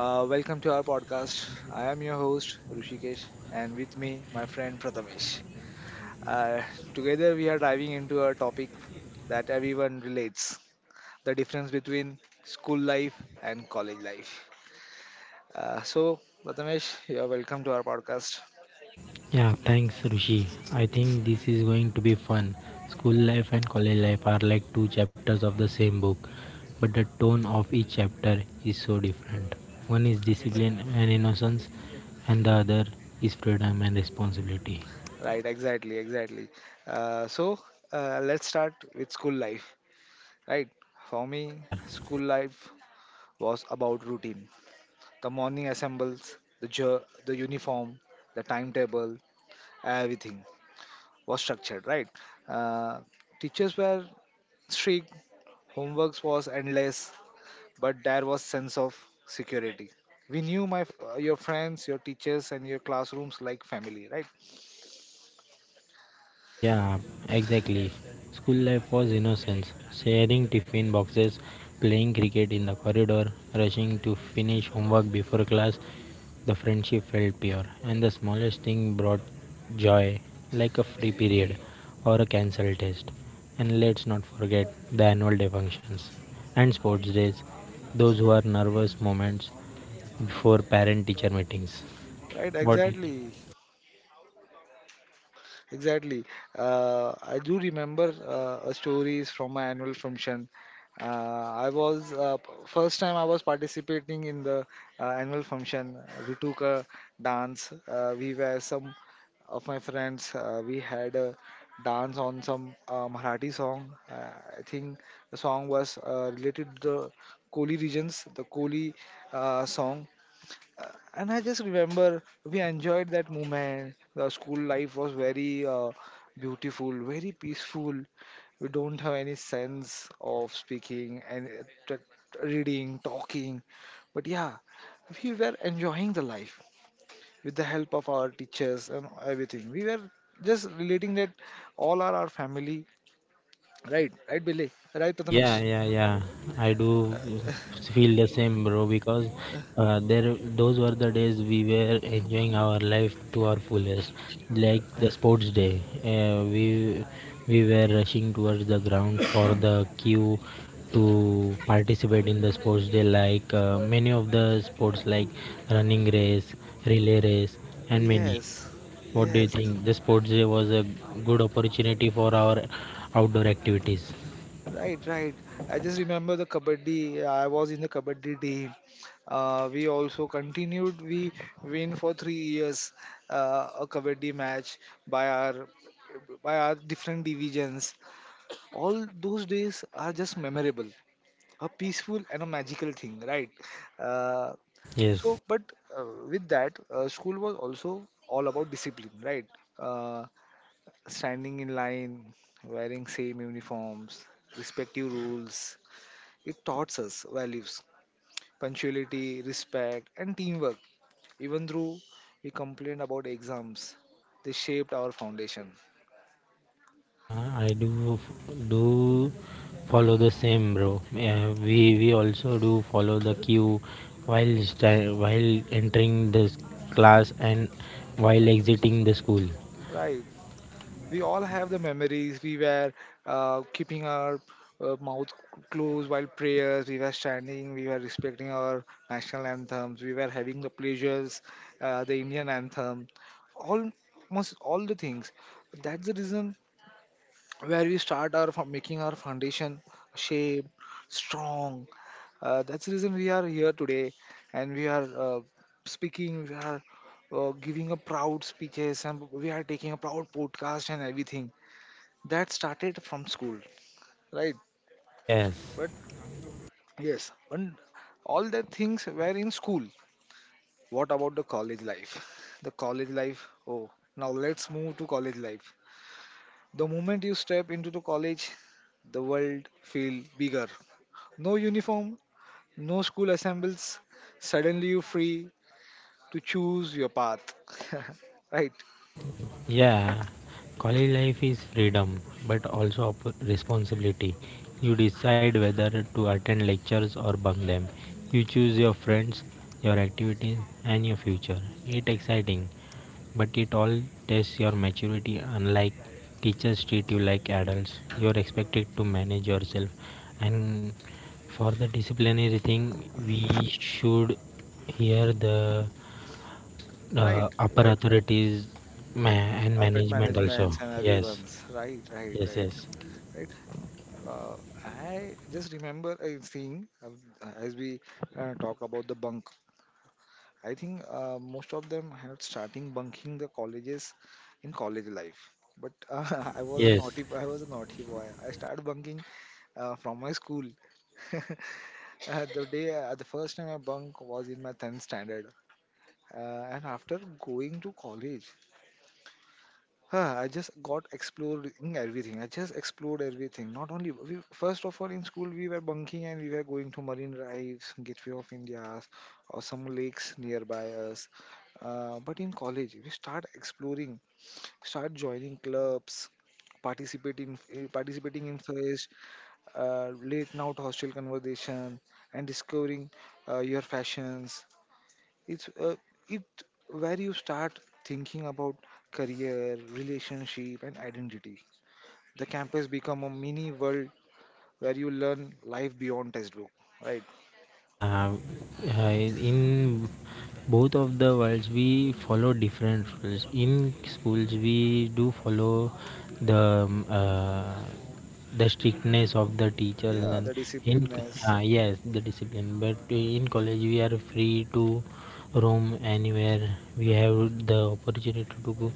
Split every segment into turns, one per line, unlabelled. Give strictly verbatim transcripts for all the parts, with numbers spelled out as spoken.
Uh, welcome to our podcast. I am your host Rushikesh, and with me, my friend Prathamesh. Uh, Together, we are diving into a topic that everyone relates: the difference between school life and college life. Uh, so, Prathamesh, you're welcome to our podcast.
Yeah, thanks Rushi. I think this is going to be fun. School life and college life are like two chapters of the same book, but the tone of each chapter is so different. One is discipline and innocence, and the other is freedom and responsibility.
Right, exactly, exactly. Uh, so, uh, let's start with school life. Right, for me,
Yeah.
school life was about routine. The morning assembles, the jer- the uniform, the timetable, everything was structured, right? Uh, Teachers were strict, homeworks was endless, but there was sense of security. We knew my f- uh, your friends, your teachers, and your classrooms like family, right?
Yeah, exactly. School life was innocence. Sharing tiffin boxes, playing cricket in the corridor, rushing to finish homework before class. The friendship felt pure, and the smallest thing brought joy, like a free period or a cancelled test. And let's not forget the annual day functions and sports days, those who are nervous moments before parent teacher meetings.
Right,
What do you think?
exactly, exactly. Uh, I do remember uh, a stories from my annual function. Uh, I was uh, p- first time I was participating in the uh, annual function. We took a dance. Uh, we were some of my friends. Uh, we had a dance on some uh, Marathi song. Uh, I think the song was uh, related to the Koli regions, the Koli uh, song. Uh, and I just remember we enjoyed that moment. The school life was very uh, beautiful, very peaceful. We don't have any sense of speaking and uh, t- t- reading, talking. But yeah, we were enjoying the life with the help of our teachers and everything. We were just relating that all are our family. Right, right, Billy. Right, Prathamesh.
Yeah, yeah, yeah. I do feel the same, bro. Because uh, there, those were the days we were enjoying our life to our fullest, like the sports day. Uh, we we were rushing towards the ground for the queue to participate in the sports day. Like uh, many of the sports, like running race, relay race, and many.
Yes,
What do you
yes.
think? The sports day was a good opportunity for our outdoor activities.
Right, right. I just remember the kabaddi. I was in the kabaddi team. Uh, we also continued. We win for three years uh, a kabaddi match by our by our different divisions. All those days are just memorable, a peaceful and a magical thing, right? Uh,
Yes.
so, but uh, With that, uh, school was also all about discipline, right? Uh, Standing in line, wearing same uniforms, respective rules. It taught us values, punctuality, respect, and teamwork. Even though we complained about exams, they shaped our foundation.
Yeah, I do f- do follow the same, bro. Yeah, we we also do follow the queue while sta- while entering the s- class and while exiting the school.
Right. We all have the memories. We were uh, keeping our uh, mouth closed while prayers. We were standing. We were respecting our national anthems. We were having the pleasures, uh, the Indian anthem, all- almost all the things. That's the reason where we start our fo- making our foundation shape strong, uh, that's the reason we are here today and we are uh, speaking, we are uh, giving a proud speeches and we are taking a proud podcast and everything that started from school, right?
Yes,
But yes, and all the things were in school. What about the college life? The college life, oh, now let's move to college life. The moment you step into the college, the world feel bigger. No uniform, no school assembles. Suddenly you're free to choose your path. Right,
yeah. College life is freedom, but also op- responsibility. You decide whether to attend lectures or bunk them. You choose your friends, your activities, and your future. It's exciting, but it all tests your maturity. Unlike teachers treat you like adults, you are expected to manage yourself. And for the disciplinary thing, we should hear the
right,
uh, upper
right.
authorities ma- and
Appet
management also.
managements and
Yes,
everyone's. Right, right,
yes,
right,
yes,
right. Uh, I just remember a thing uh, as we uh, talk about the bunk. I think uh, most of them had starting bunking the colleges in college life. But uh, I was a
yes.
naughty, I was a naughty boy. I started bunking uh, from my school. Uh, the day uh, the first time I bunk was in my tenth standard, uh, and after going to college, huh, I just got exploring everything. I just explored everything. Not only we, first of all in school we were bunking and we were going to Marine Drives, Gateway of India, or some lakes nearby us. Uh, but in college we start exploring, start joining clubs, participate participating eh, participating in fairs, uh, late night hostel conversation, and discovering uh, your fashions. It's uh, it where you start thinking about career, relationship, and identity. The campus become a mini world where you learn life beyond textbook. Right?
Yeah, uh, in both of the worlds we follow different rules. In schools we do follow the um, uh, the strictness of the teachers
Yeah,
and
the
in
discipline is
uh, yes the discipline. But in college we are free to roam anywhere. We have the opportunity to go.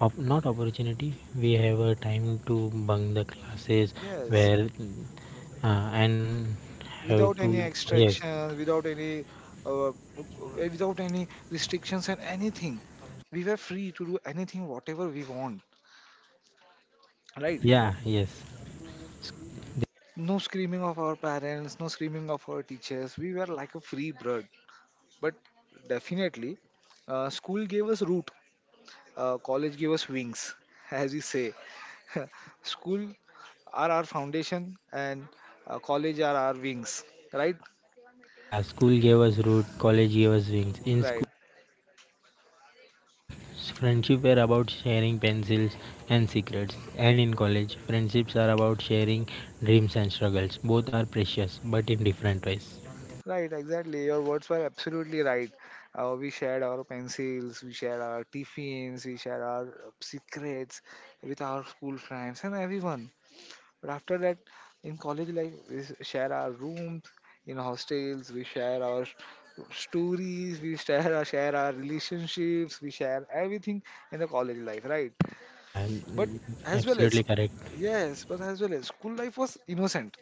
Op- not opportunity. We have a time to bunk the classes
yes,
where uh, and have
without
to,
any
yes.
extraction, without any. Uh, Without any restrictions and anything, we were free to do anything whatever we want.
Yeah, yes. S-
No screaming of our parents, no screaming of our teachers. We were like a free bird. But definitely, uh, school gave us root, uh, college gave us wings, as we say. School are our foundation, and uh, college are our wings. Right?
Yeah, school gave us root, college gave us wings. In school,
Right.
s- friendship were about sharing pencils and secrets. And in college, friendships are about sharing dreams and struggles. Both are precious, but in different ways.
Right, exactly. Your words were absolutely right. Uh, we shared our pencils, we shared our tiffins, we shared our uh, secrets with our school friends and everyone. But after that, in college life, we s- share our rooms in hostels. We share our s- stories. We share our share our relationships. We share everything in the college life, right?
Yeah,
But
n-
as well
absolutely
as,
correct.
yes, but as well as school life was innocent.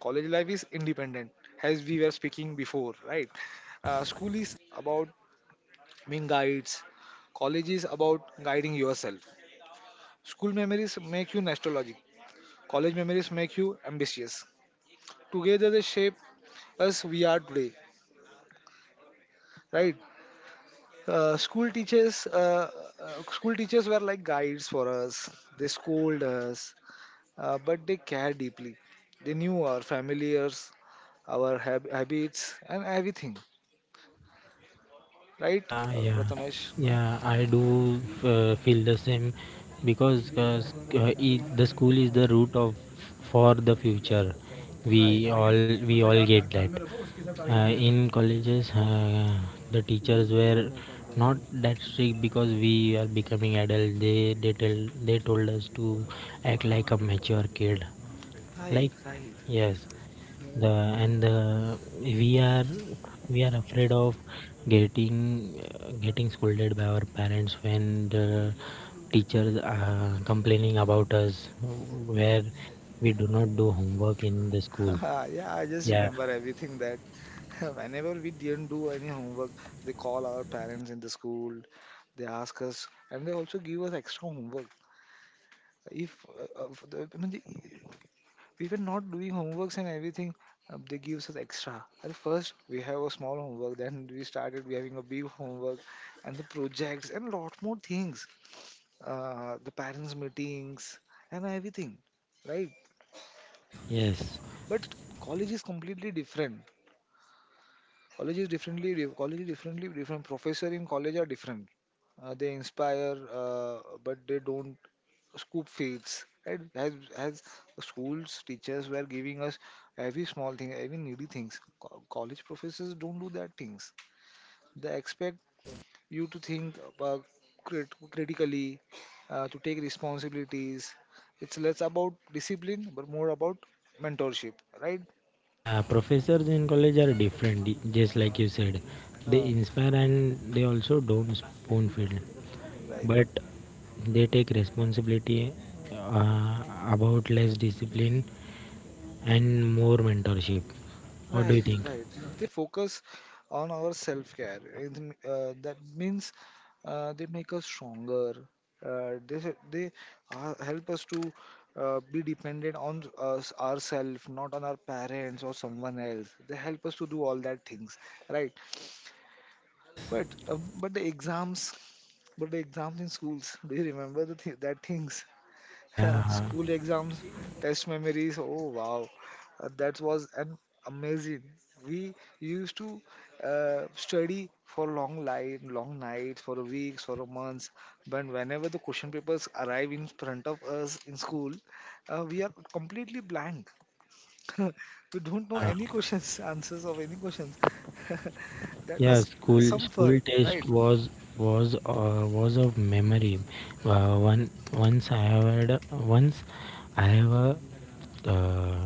College life is independent, as we were speaking before, right?
Yes.
Uh, school is about being guides. College is about guiding yourself. School memories make you nostalgic. College memories make you ambitious. Together they shape us we are today, right? uh, school teachers uh, uh, School teachers were like guides for us. They scold us, uh, but they care deeply. They knew our familiars, our hab- habits and everything, right?
Yeah,
uh,
yeah,
Prathamesh,
yeah. I do uh, feel the same because uh, sc- uh, i- the school is the root of for the future.
right.
We all we all get that. Uh, in colleges, uh, the teachers were not that strict because we are becoming adult. They they tell they told us to act like a mature kid
Right,
like
right.
yes the and the we are we are afraid of getting uh, getting scolded by our parents when the teachers are complaining about us where we do not do homework in the school.
Yeah, I just
Yeah,
remember everything that whenever we didn't do any homework, they call our parents in the school. They ask us and they also give us extra homework. If uh, uh, for the, I mean, the, We were not doing homeworks and everything, uh, they gives us extra. At first, we have a small homework, then we started we having a big homework and the projects and lot more things. Uh, the parents' meetings and everything, right?
yes.
But college is completely different. College is differently di- college is differently different. Professor in college are different. Uh, they inspire, uh, but they don't scoop fields, right? as as schools teachers were giving us every small thing, every needy things. Co- college professors don't do that things. They expect you to think about crit- critically, uh, to take responsibilities. It's less about discipline but more about mentorship, right?
Yeah, professors in college are different, d- just like you said. They
uh,
inspire and they also don't spoon feed,
right
but they take responsibility uh, about less discipline and more mentorship. What do you
Right,
think?
right. They focus on our self-care. It m- uh, that means uh, they make us stronger. Uh, they s- they uh, help us to uh, be dependent on us ourselves, not on our parents or someone else. They help us to do all that things, right?
Yes.
But uh, but the exams, but the exams in schools. Do you remember the th- that things?
Yeah.
School exams, test memories. Oh wow, Uh, that was an amazing. We used to uh, study for long light, long nights, for weeks, for months. But whenever the question papers arrive in front of us in school, uh, we are completely blank. We don't know
Yeah.
any questions, answers of any questions. That
Yeah.
was uh,
School
some
school
fun,
test
right?
was was uh, was of memory. Uh, one once I had once I have a uh,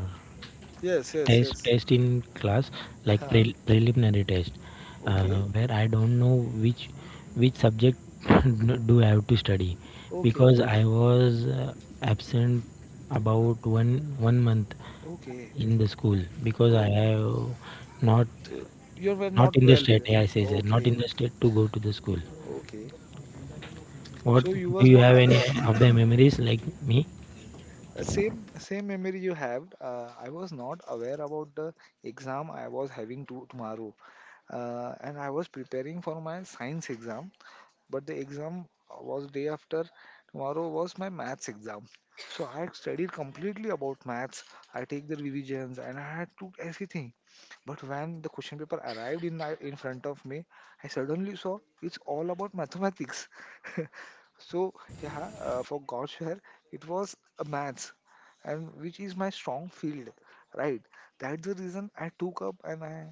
Yes, yes,
test
yes.
test in class like
Huh.
pre- preliminary test uh,
Okay,
where I don't know which which subject do I have to study
okay,
because I was uh, absent about one one month
okay.
in the school because I
Oh.
have not
Uh, You were not
not in the
well.
state. Yeah, I say say, not
Okay,
in the
okay,
state to go to the school.
okay.
What,
So you
do
was
you
not
have any
aware.
of the memories like me?
Uh, Same same memory you have. Uh, I was not aware about the exam I was having to tomorrow, uh, and I was preparing for my science exam. But the exam was day after tomorrow was my maths exam. So I had studied completely about maths. I take the revisions and I had to everything. But when the question paper arrived in my, in front of me, I suddenly saw it's all about mathematics. So yeah, uh, for god's share it was a maths and which is my strong field, right? That's the reason I took up and I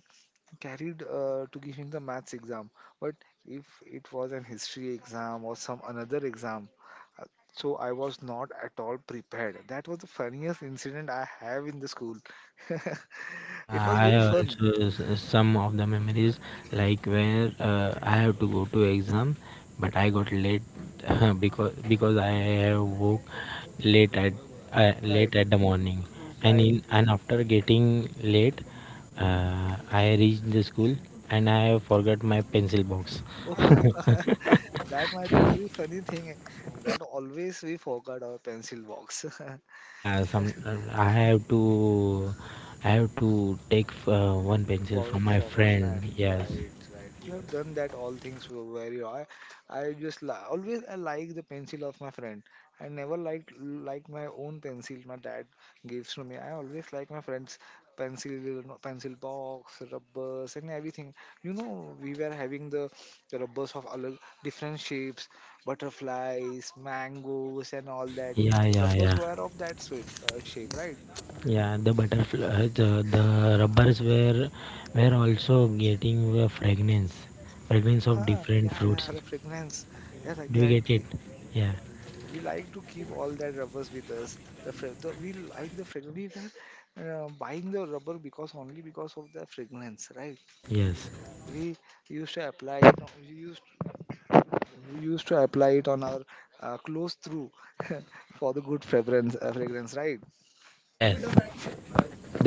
carried uh, to giving the maths exam. But if it was an history exam or some another exam, uh, so I was not at all prepared. That was the funniest incident I have in the school.
Yeah,
It was
I
very fun.
also s- some of the memories like where uh, I have to go to exam, but I got late because because I have woke late at uh,
right
late at the
you,
morning, and
right
in
you
and after getting late, uh, I reached the school and I have forgot my pencil box.
Oh, that might be very funny thing that always we forgot our pencil box.
Yeah, some I have to I have to take uh, one pencil
Borrow
from my
from a
friend.
friend,
Yes.
right? Right. We have done that. All things were very. I, I just li- always I like the pencil of my friend. I never like like my own pencil. My dad gives to me. I always like my friend's pencil, pencil box, rubbers, and everything. You know, we were having the, the rubbers of all different shapes, butterflies, mangoes, and all that.
Yeah,
The
yeah,
rubbers
yeah.
were of that shape, uh, shape, right?
Yeah, the butterfly, the, the rubbers were were also getting a fragrance fragrance of
Huh,
different
yeah,
fruits.
yeah, the fragrance. Yes,
Do you get it?
exactly.
Yeah,
We like to keep all that rubbers with us. The, fra- the we like the fragrance. We were uh, buying the rubber because only because of the fragrance, right?
yes,
We used to apply it. on- We used we used to apply it on our uh, clothes through for the good fragrance. Uh, fragrance, right?
yes.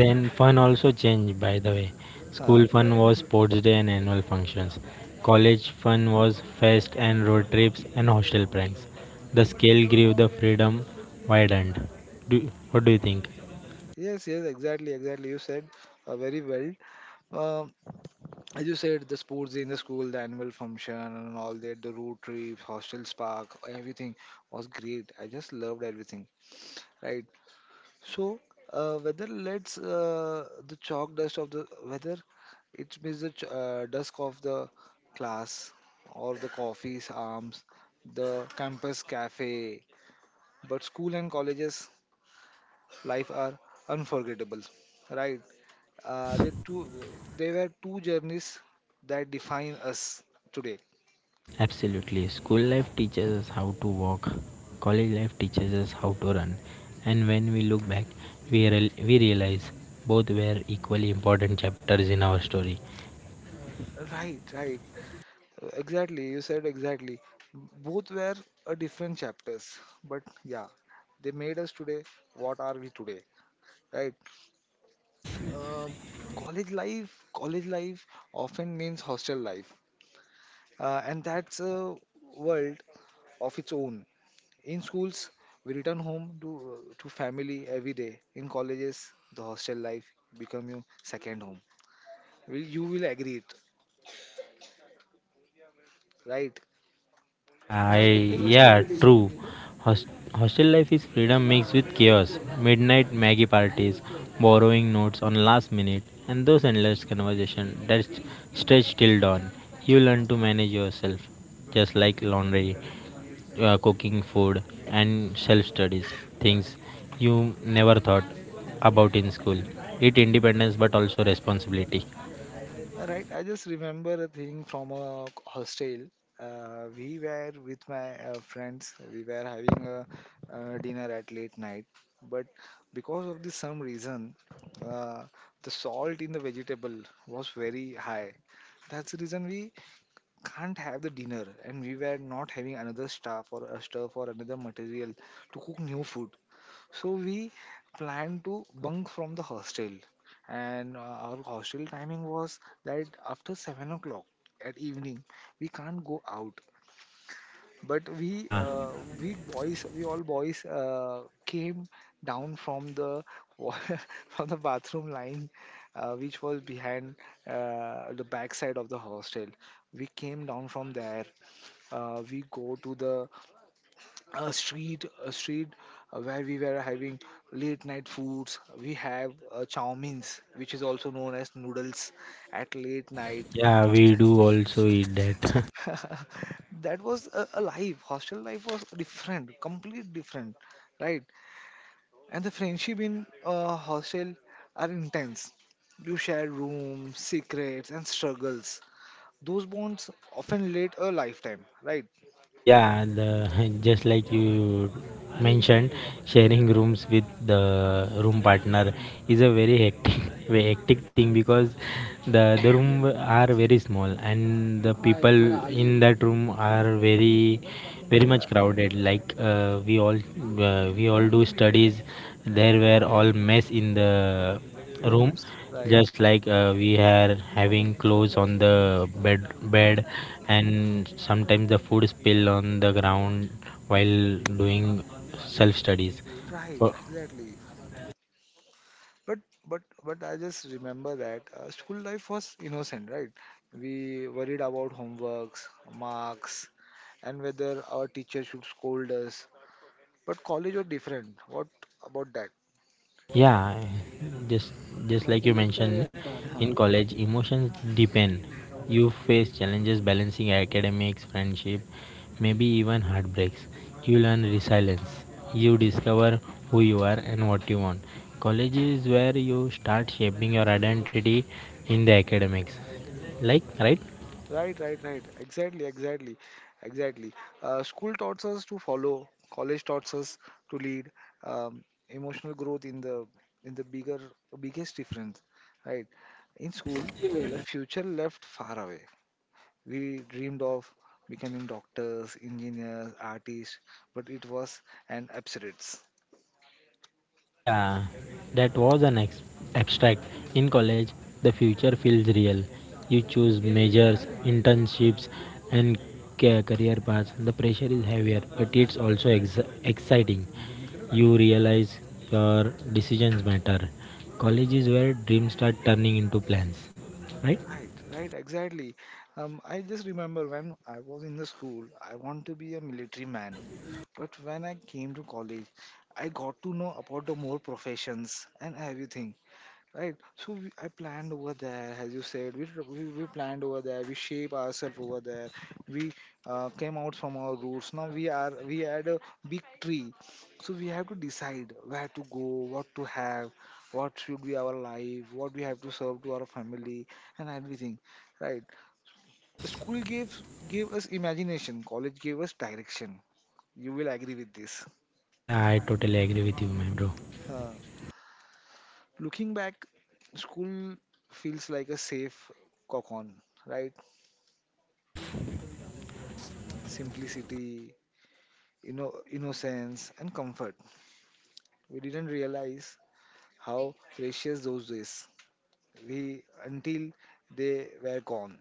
Then fun also changed, by the way.
Huh.
School fun was sports day and annual functions. College fun was fest and road trips and hostel pranks. The scale grew, the freedom widened. do, what do you think?
Yes, yes, exactly, exactly. You said uh, very well. Um, as you said, the sports day in the school, the annual function, and all that, the road trips, hostels, park, everything was great. I just loved everything, right? So, uh, whether let's uh, the chalk dust of the whether it means the ch- uh, dusk of the class or the coffee's arms, the campus cafe, but school and colleges life are unforgettable, right? Uh,
Yes.
they two they were two journeys that define us today.
Absolutely. School life teaches us how to walk, college life teaches us how to run, and when we look back, we, real we realize both were equally important chapters in our story.
Right, right. Exactly, you said exactly. Both were a different chapters, but yeah, they made us today what are we today, right?
Yes.
Um college life, college life often means hostel life, uh, and that's a world of its own. In schools, we return home to uh, to family every day. In colleges, the hostel life become your second home. Will you will agree it, right?
Yeah, I yeah, true. Host, hostel life is freedom mixed with chaos. Midnight Maggie parties, borrowing notes on last minute, and those endless conversations that s- stretch till dawn. You learn to manage yourself, just like laundry, uh, cooking food, and self studies. Things you never thought about in school. It independence, but also responsibility.
Right, I just remember a thing from a hostel. Uh, we were with my uh, friends. We were having a uh, dinner at late night, but because of this some reason, uh, the salt in the vegetable was very high. That's the reason we can't have the dinner, and we were not having another staff or a stuff or another material to cook new food. So we planned to bunk from the hostel, and uh, our hostel timing was that after seven o'clock at evening we can't go out. But we
Yeah,
uh, we boys we all boys uh, came down from the wa- from the bathroom line, uh, which was behind uh, the backside of the hostel. We came down from there. Uh, we go to the a street a street uh, where we were having late night foods we have uh, chow means which is also known as noodles at late night
yeah, we do also eat that.
that was a, a life hostel life was different complete different right and the friendship in uh, hostel are intense you share rooms secrets and struggles those bonds often late a lifetime right
Yeah, the, just like you mentioned, sharing rooms with the room partner is a very hectic, very hectic thing because the the room are very small and the people in that room are very very much
yeah
crowded. Like uh, we all uh, we all do studies. There were all mess in the room,
rooms right
just like uh, we are having clothes on the bed bed and sometimes the food spill on the ground while doing self studies.
right exactly But but but I just remember that uh, school life was innocent, right? We worried about homeworks, marks, and whether our teacher should scold us. But college was different. What about that?
Yeah, just just like you mentioned, in
Huh
college emotions depend. You face challenges balancing academics, friendship, maybe even heartbreaks. You learn resilience. You discover who you are and what you want. College is where you start shaping your identity in the academics. Like, right?
Right, right, right. Exactly, exactly, exactly. Uh, school taught us to follow. College taught us to lead. Um, emotional growth in the in the bigger biggest difference, right? In
Yes.
school, the future left far away. We dreamed of becoming doctors, engineers, artists, but it was an absurdity.
Yeah, that was an ex- abstract. In college, the future feels real. You choose majors, internships, and ca- career paths. The pressure is heavier, but it's also ex- exciting. You realize your decisions matter. College is where dreams start turning into plans, right?
Right, right, exactly. Um, I just remember when I was in the school, I want to be a military man. But when I came to college, I got to know about the more professions and everything. Right. So we, I planned over there, as you said. We, tr- we we planned over there. We shape ourselves over there. We uh, came out from our roots. Now we are we had a big tree, so we have to decide where to go, what to have, what should be our life, what we have to serve to our family, and everything. Right.
Yes.
School gave gave us imagination. College gave us direction. You will agree with this.
Yeah, I totally agree with you, my bro.
Huh. Looking back, school feels like a safe cocoon. Right
Yes.
simplicity, inno- innocence, and comfort. We didn't realize how precious those days we until they were gone.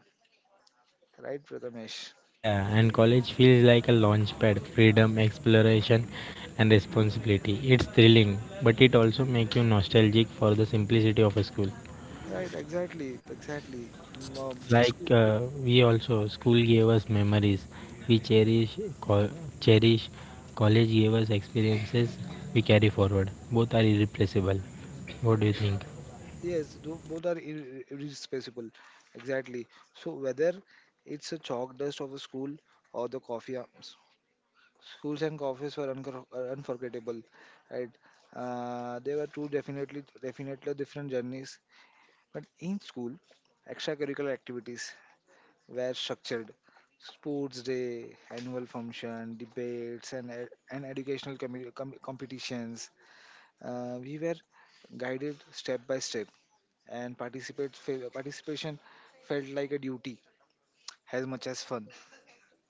Right, Prathamesh?
Yeah, and college feels like a launchpad, freedom, exploration, and responsibility. It's thrilling, but it also makes you nostalgic for the simplicity of a school.
Right, exactly, exactly. Um,
Like
school.
uh, we also, school gave us memories. We cherish, co- cherish. College gave us experiences we carry forward. Both are irreplaceable. What do you think?
Yes, tho- both are ir- irreplaceable. Exactly. So whether it's a chalk dust of a school or the coffee arms, schools and coffees were uncor- uh, unforgettable. Right. Uh, they were two definitely definitely different journeys But in school, extracurricular activities were structured. Sports day, annual function, debates, and, ed- and educational commu- com- competitions. Uh, we were guided step by step, and participate fe- participation felt like a duty as much as fun.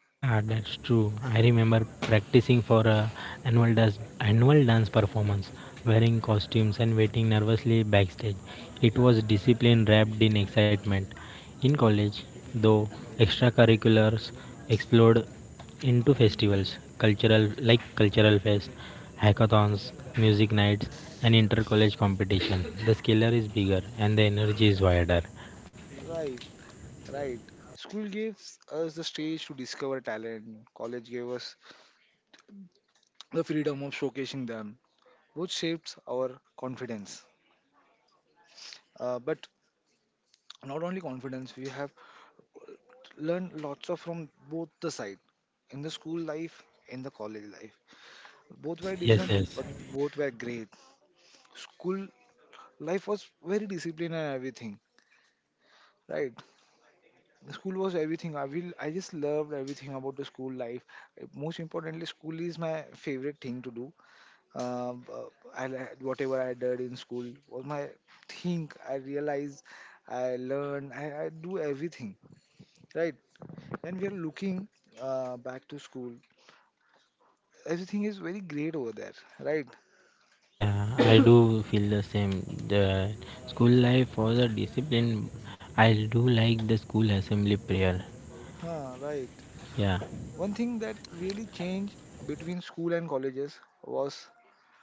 Yeah, that's true. I remember practicing for a annual dance annual dance performance, wearing costumes and waiting nervously backstage. It was discipline wrapped in excitement. In college, though, extracurriculars explored into festivals, cultural like cultural fest, hackathons, music nights, and inter-college competition. The scalar is bigger and the energy is wider.
Right, right. School gives us the stage to discover talent. College gave us the freedom of showcasing them, which shapes our confidence. Uh, but not only confidence we have learned lots of from both the side in the school life in the college life both were
Yes,
different
yes.
but both were great school life was very disciplined and everything right the school was everything i will I just loved everything about the school life Uh, most importantly school is my favorite thing to do Um, uh, I, li- whatever I did in school was my thing I realized i learned i, I do everything right when we are looking uh, back to school, everything is very great over there, right?
Yeah, I do feel the same. The school life was a discipline. I do like the school assembly prayer.
Huh, right.
Yeah,
One thing that really changed between school and colleges was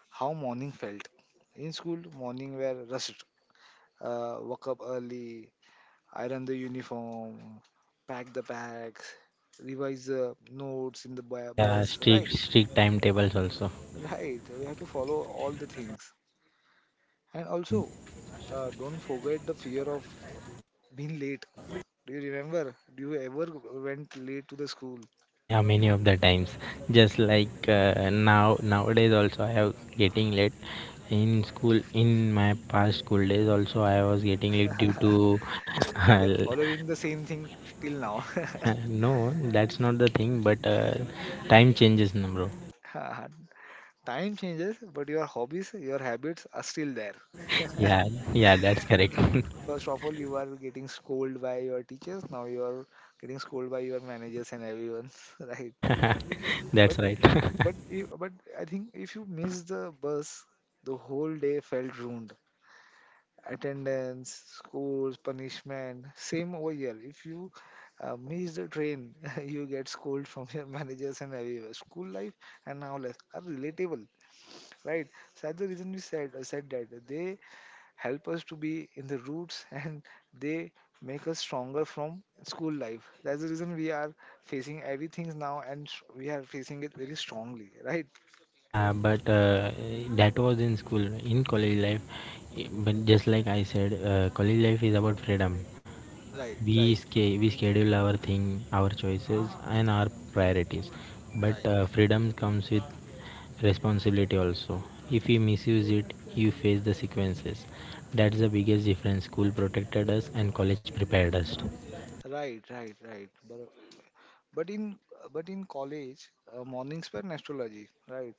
how morning felt. In school, morning were rushed. Uh, woke up early, iron the uniform, pack the bags, revise the notes in the bu-
yeah,
bus, right?
strict strict timetables also.
Right. We have to follow all the things. And
Yeah,
also, uh, don't forget the fear of being late Do you remember? Do you ever went late to the school?
yeah, many of the times. Just like uh, now nowadays also I have getting late in school. In my past school days also I was getting late due to
You are
uh,
following the same thing till now.
no, that's not the thing. But uh, time changes, na bro.
Time changes, but your hobbies, your habits are still there.
Yeah, yeah, that's correct.
First of all, you are getting scolded by your teachers. Now you are getting scolded by your managers and everyone, right? But
That's right.
but you- but I think if you miss the bus, the whole day felt ruined. Attendance, schools, punishment. Same over here. If you uh, miss the train, you get scolded from your managers and everywhere. School life and now life are relatable, right? So that's the reason we said I said that they help us to be in the roots and they make us stronger from school life. That's the reason we are facing everything now and s- we are facing it very strongly, right?
Yeah, but uh, that was in school. In college life, i- but just like I said, uh, college life is about freedom.
Right,
We
right,
sca- we schedule our thing, our choices, and our priorities.
right.
But uh, freedom comes with responsibility also. If we misuse it, you face the sequences. That's the biggest difference. School protected us, and college prepared us.
Right, right, right. but in but in college uh, mornings were in astrology right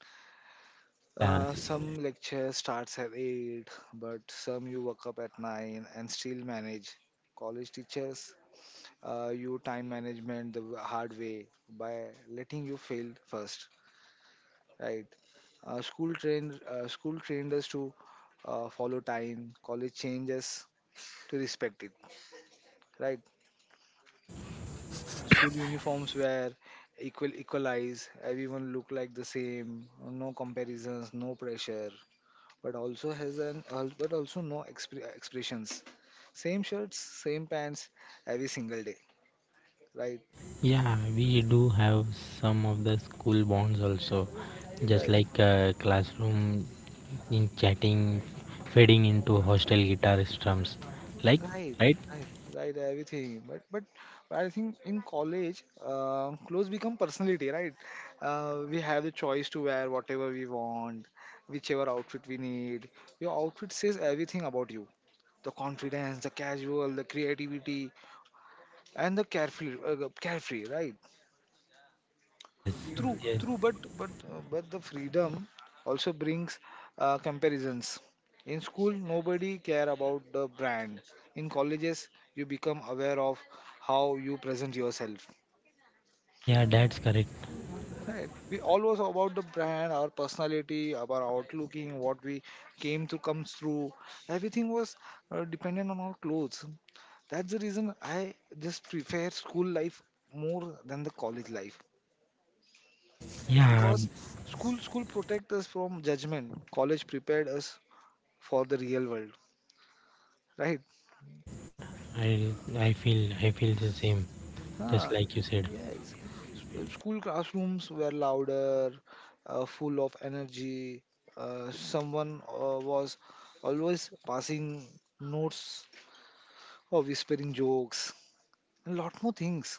Yeah,
uh, some lecture starts at eight but some you wake up at nine and still manage college teachers uh, you time management the hard way by letting you fail first right uh, school trained uh, school trained us to uh, follow time college changes to respect it right School uniforms were equal equalized. Everyone looked like the same. No comparisons, no pressure. But also has an al- but also no expre- expressions. Same shirts, same pants, every single day. Right,
yeah, we do have some of the school bonds also, just
right.
like uh, classroom in chatting, fading into hostel guitar strums. Like,
Right,
right?
right, right, everything. But but I think in college, uh, clothes become personality, right? Uh, we have the choice to wear whatever we want, whichever outfit we need. Your outfit says everything about you. The confidence, the casual, the creativity, and the carefree, uh, carefree, right?
Yes,
True,
yes.
true, but but uh, but the freedom also brings uh, comparisons. In school, nobody care about the brand. In colleges, you become aware of how you present yourself.
Yeah, that's correct.
Right? We always about the brand, our personality, our outlooking, what we came to comes through. Everything was uh, dependent on our clothes. That's the reason I just prefer school life more than the college life.
Yeah,
Because school school protect us from judgment college prepared us for the real world right
right. I I feel I feel the same, just
huh.
like you said.
yes S- school classrooms were louder uh, full of energy uh, someone uh, was always passing notes or whispering jokes and lot more things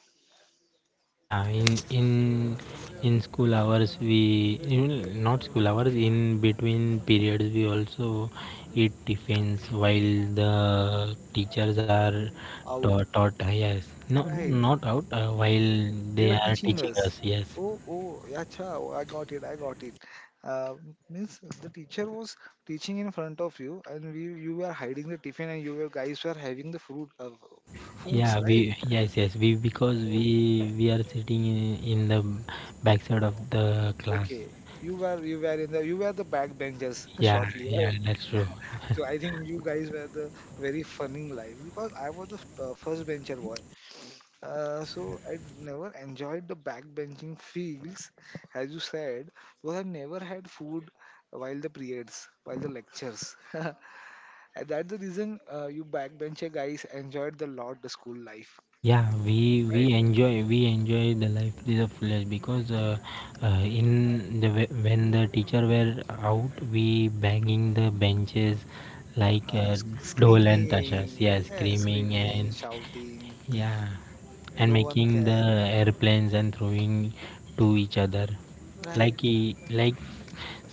Yeah, in in in school hours we in, not school hours in between periods we also eat tiffins while the teachers are
out
taught, taught, ah, yes, no, no,
right
not out. uh, while
They
they
were
are
teaching
teaching
us.
us. Yes.
Oh, oh, yeah, acha, oh, I got it, I got it. Uh, means the teacher was teaching in front of you, and we, you were hiding the tiffin, and you were guys were having the fruit, uh, foods,
Yeah,
right?
we yes yes we because
Oh,
we we are sitting in, in the backside of the class.
okay. You were you were in the you were the backbenchers
Yeah,
shortly,
yeah,
right?
that's true.
So I think you guys were the very funny life because I was the f- uh, first bencher boy. Uh, so I'd never enjoyed the backbenching feels, as you said, because I never had food while the periods, while the lectures. and that's the reason uh, you backbencher guys enjoyed the lot the school life,
Yeah, we we
right?
enjoy we enjoy the life of the village because uh, uh, in the whe- when the teacher were out, we banging the benches like
Uh,
uh,
sc-
dhol and tashas.
screaming,
Yeah,
yeah,
screaming
screaming,
and
shouting,
yeah, and
no one
making the
cared,
airplanes and throwing to each other.
right?
Like he- like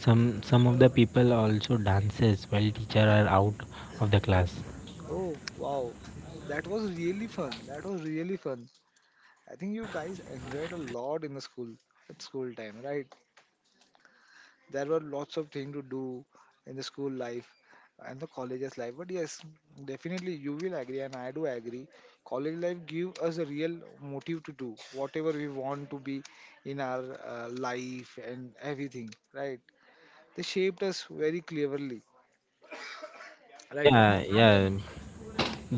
some some of the people also dances while teacher are out of the class.
Oh wow, that was really fun. That was really fun. I think
Yeah.
you guys enjoyed a lot in the school at school time, right? There were lots of things to do in the school life and the college's life. But yes, definitely you will agree, and I do agree. College life give us a real motive to do whatever we want to be in our uh, life and everything. Right? They shaped us very cleverly. Right?
Yeah, yeah,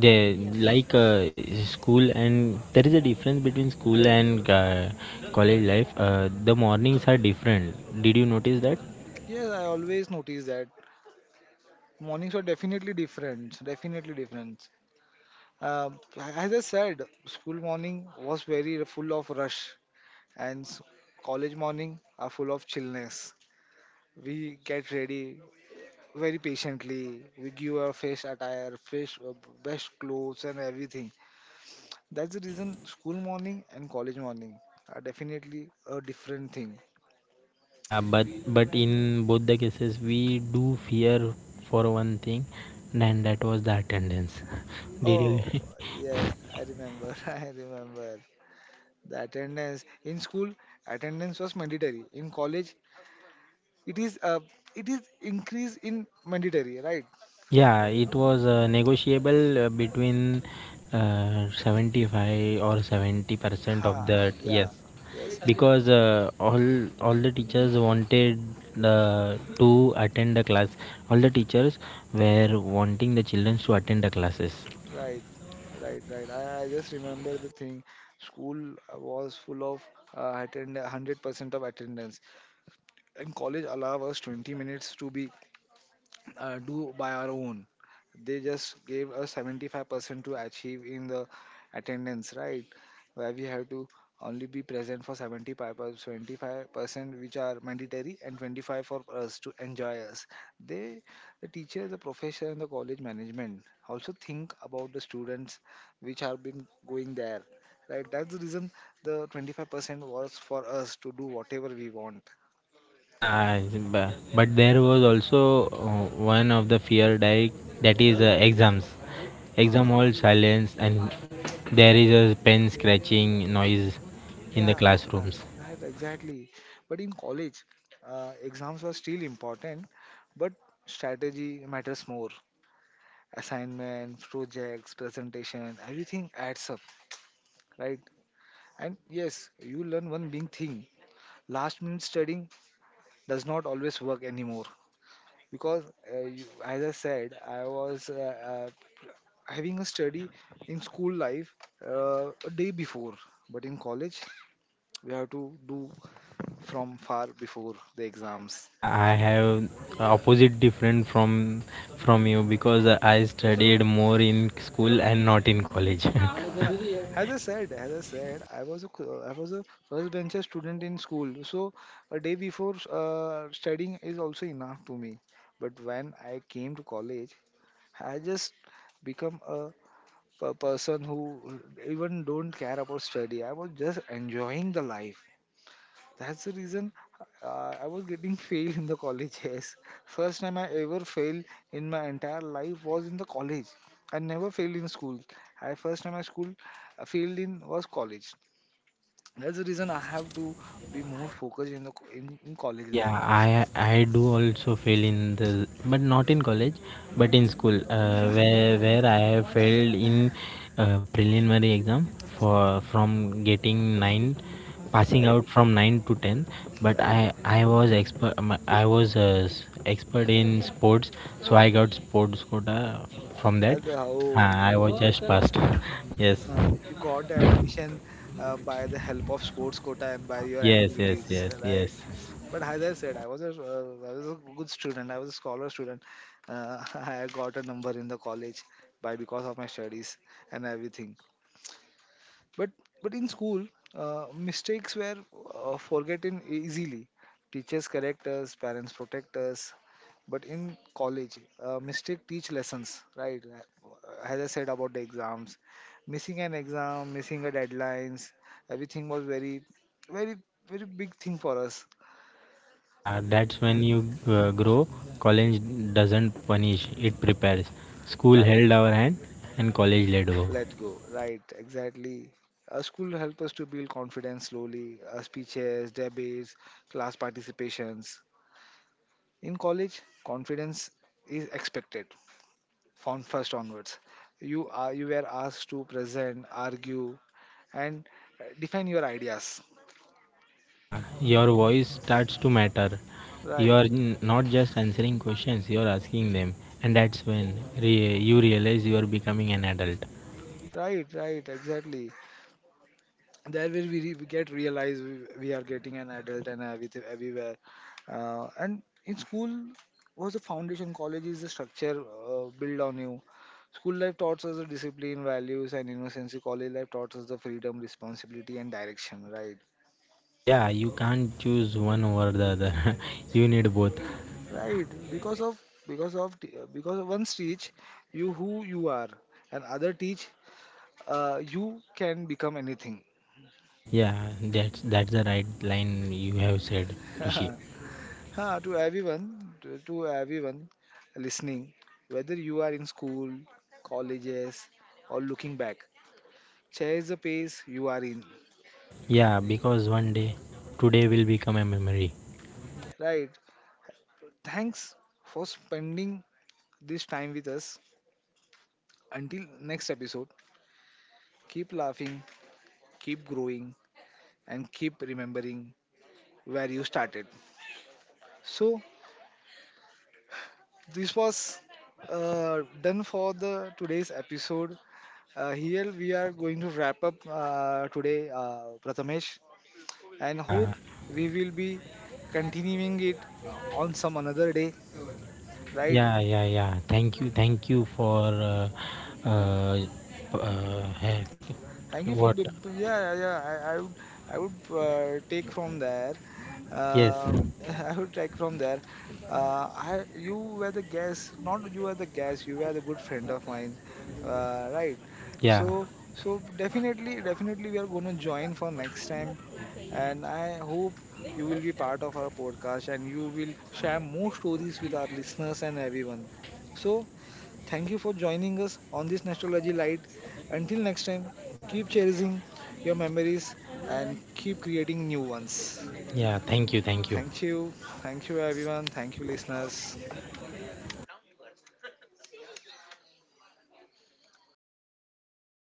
they like uh, school, and there is a difference between school and uh, college life. uh, the mornings are different. Did you notice that?
Yes, I always notice that mornings are definitely different. Definitely different. Um as I said, school morning was very full of rush and s- college morning are full of chillness. We get ready very patiently. We give our fresh attire, fresh uh, best clothes and everything. That's the reason school morning and college morning are definitely a different thing.
Yeah, but but in both the cases we do fear for one thing, and that was the attendance. Did
Oh
you?
yes, I remember. I remember the attendance in school. Attendance was mandatory. In college, it is uh, it is increase in mandatory, right?
Yeah, it was uh, negotiable uh, between uh, seventy-five or seventy percent of
Ha,
that.
yeah,
Yes,
yes.
because uh, all all the teachers wanted uh, to attend the class. All the teachers were wanting the children to attend the classes.
Right, right, right. I, I just remember the thing. School was full of uh, attend one hundred percent of attendance, and college allowed us twenty minutes to be uh, do by our own. They just gave us seventy-five percent to achieve in the attendance, right? Where we have to only be present for seventy-five percent. Twenty-five percent which are mandatory and twenty-five for us to enjoy us. They, the teacher, the professor and the college management also think about the students which have been going there, right? That's the reason the twenty-five percent was for us to do whatever we want.
Yeah, but, but there was also uh, one of the fear di- that is uh, exams.
Uh,
Exam hall silence and there is a pen scratching noise in the
Yeah, yeah,
classrooms.
right, exactly. But in college, uh, exams were still important, but strategy matters more. Assignments, projects, presentation, everything adds up, right? And yes, you learn one big thing. Last minute studying does not always work anymore because, uh, you, as I said, I was uh, uh, having a study in school life uh, a day before, but in college, we have to do from far before the exams.
Yeah, I have opposite different from from you because I studied more in school and not in college.
Huh. as I said, as I said, I was a cl- I was a first bencher student in school, so a day before uh, studying is also enough to me. But when I came to college, I just become a per- person who even don't care about study. I was just enjoying the life. That's the reason uh, I was getting failed in the college. Yes, first time I ever failed in my entire life was in the college. I never failed in school. I first time I school I failed in was college. That's the
Yeah.
reason I have to be more focused in the co- in, in college life.
Yeah, I I do also fail in the but not in college, but in school uh, where where I have failed in uh, preliminary exam for from getting nine, passing
Right,
out from nine to ten. But
right.
I I was expert um, I was uh, s- expert in sports, so I got sports quota from that.
That's
Uh, I
how
was just passed. Yes,
uh, you got the admission uh, by the help of sports quota and by your
yes, yes,
activities.
yes,
Right.
yes.
But as I said, I was a uh, I was a good student. I was a scholar student. Uh, I got a number in the college by because of my studies and everything. But but in school, uh, mistakes were uh, forgotten e-, easily. Teachers correct us, parents protect us. But in college, uh, mistake teach lessons, right? Uh, As I said about the exams, missing an exam, missing a deadlines, everything was very, very, very big thing for us,
Yeah, that's when you uh, grow. College doesn't punish, it prepares. School
right?
held our hand and college let go.
Let go, right, exactly. Uh, school help us to build confidence slowly, uh, speeches, debates, class participations. In college confidence is expected from first onwards. You are you were asked to present, argue, and uh, define your ideas.
Yeah, your voice starts to matter. You
right
are n- not just answering questions, you are asking them. And that's when re- you realize you are becoming an adult.
right right exactly, that will we, re- we get realized we, we are getting an adult and everything everywhere. Uh, and in school was the foundation, college is the structure uh, built on you. School life taught us the discipline, values and innocence. College life taught us the freedom, responsibility and direction, right?
Yeah, you can't choose one over the other. You need both.
Right because of because of t- uh, because of one teach you who you are and other teach uh, you can become anything.
Yeah, that's that's the right line you have said, Rishi.
Ha, to everyone, to, to everyone listening, whether you are in school, colleges, or looking back, cherish the pace you are in.
Yeah, because one day today will become a memory.
Right. Thanks for spending this time with us. Until next episode, keep laughing, keep growing, and keep remembering where you started. So this was uh, done for the today's episode. Uh, here we are going to wrap up uh, today, uh, Prathamesh. And hope
Yeah,
we will be continuing it uh, on some another day, right?
yeah, yeah, yeah. Thank you, thank you for uh, uh, uh, heck,
Thank you for
what?
b- b- yeah, yeah, yeah. I, I would I would uh, take from there.
Yes,
Uh, I would take from there. Uh, I you were the guest, not you were the guest. You were the good friend of mine, uh, right?
yeah,
So so definitely definitely we are going to join for next time, and I hope you will be part of our podcast and you will share more stories with our listeners and everyone. So thank you for joining us on this Nostalgia Light. Until next time, keep cherishing your memories and keep creating new ones.
yeah. Thank you, thank you.
Thank you. Thank you, everyone. Thank you, listeners.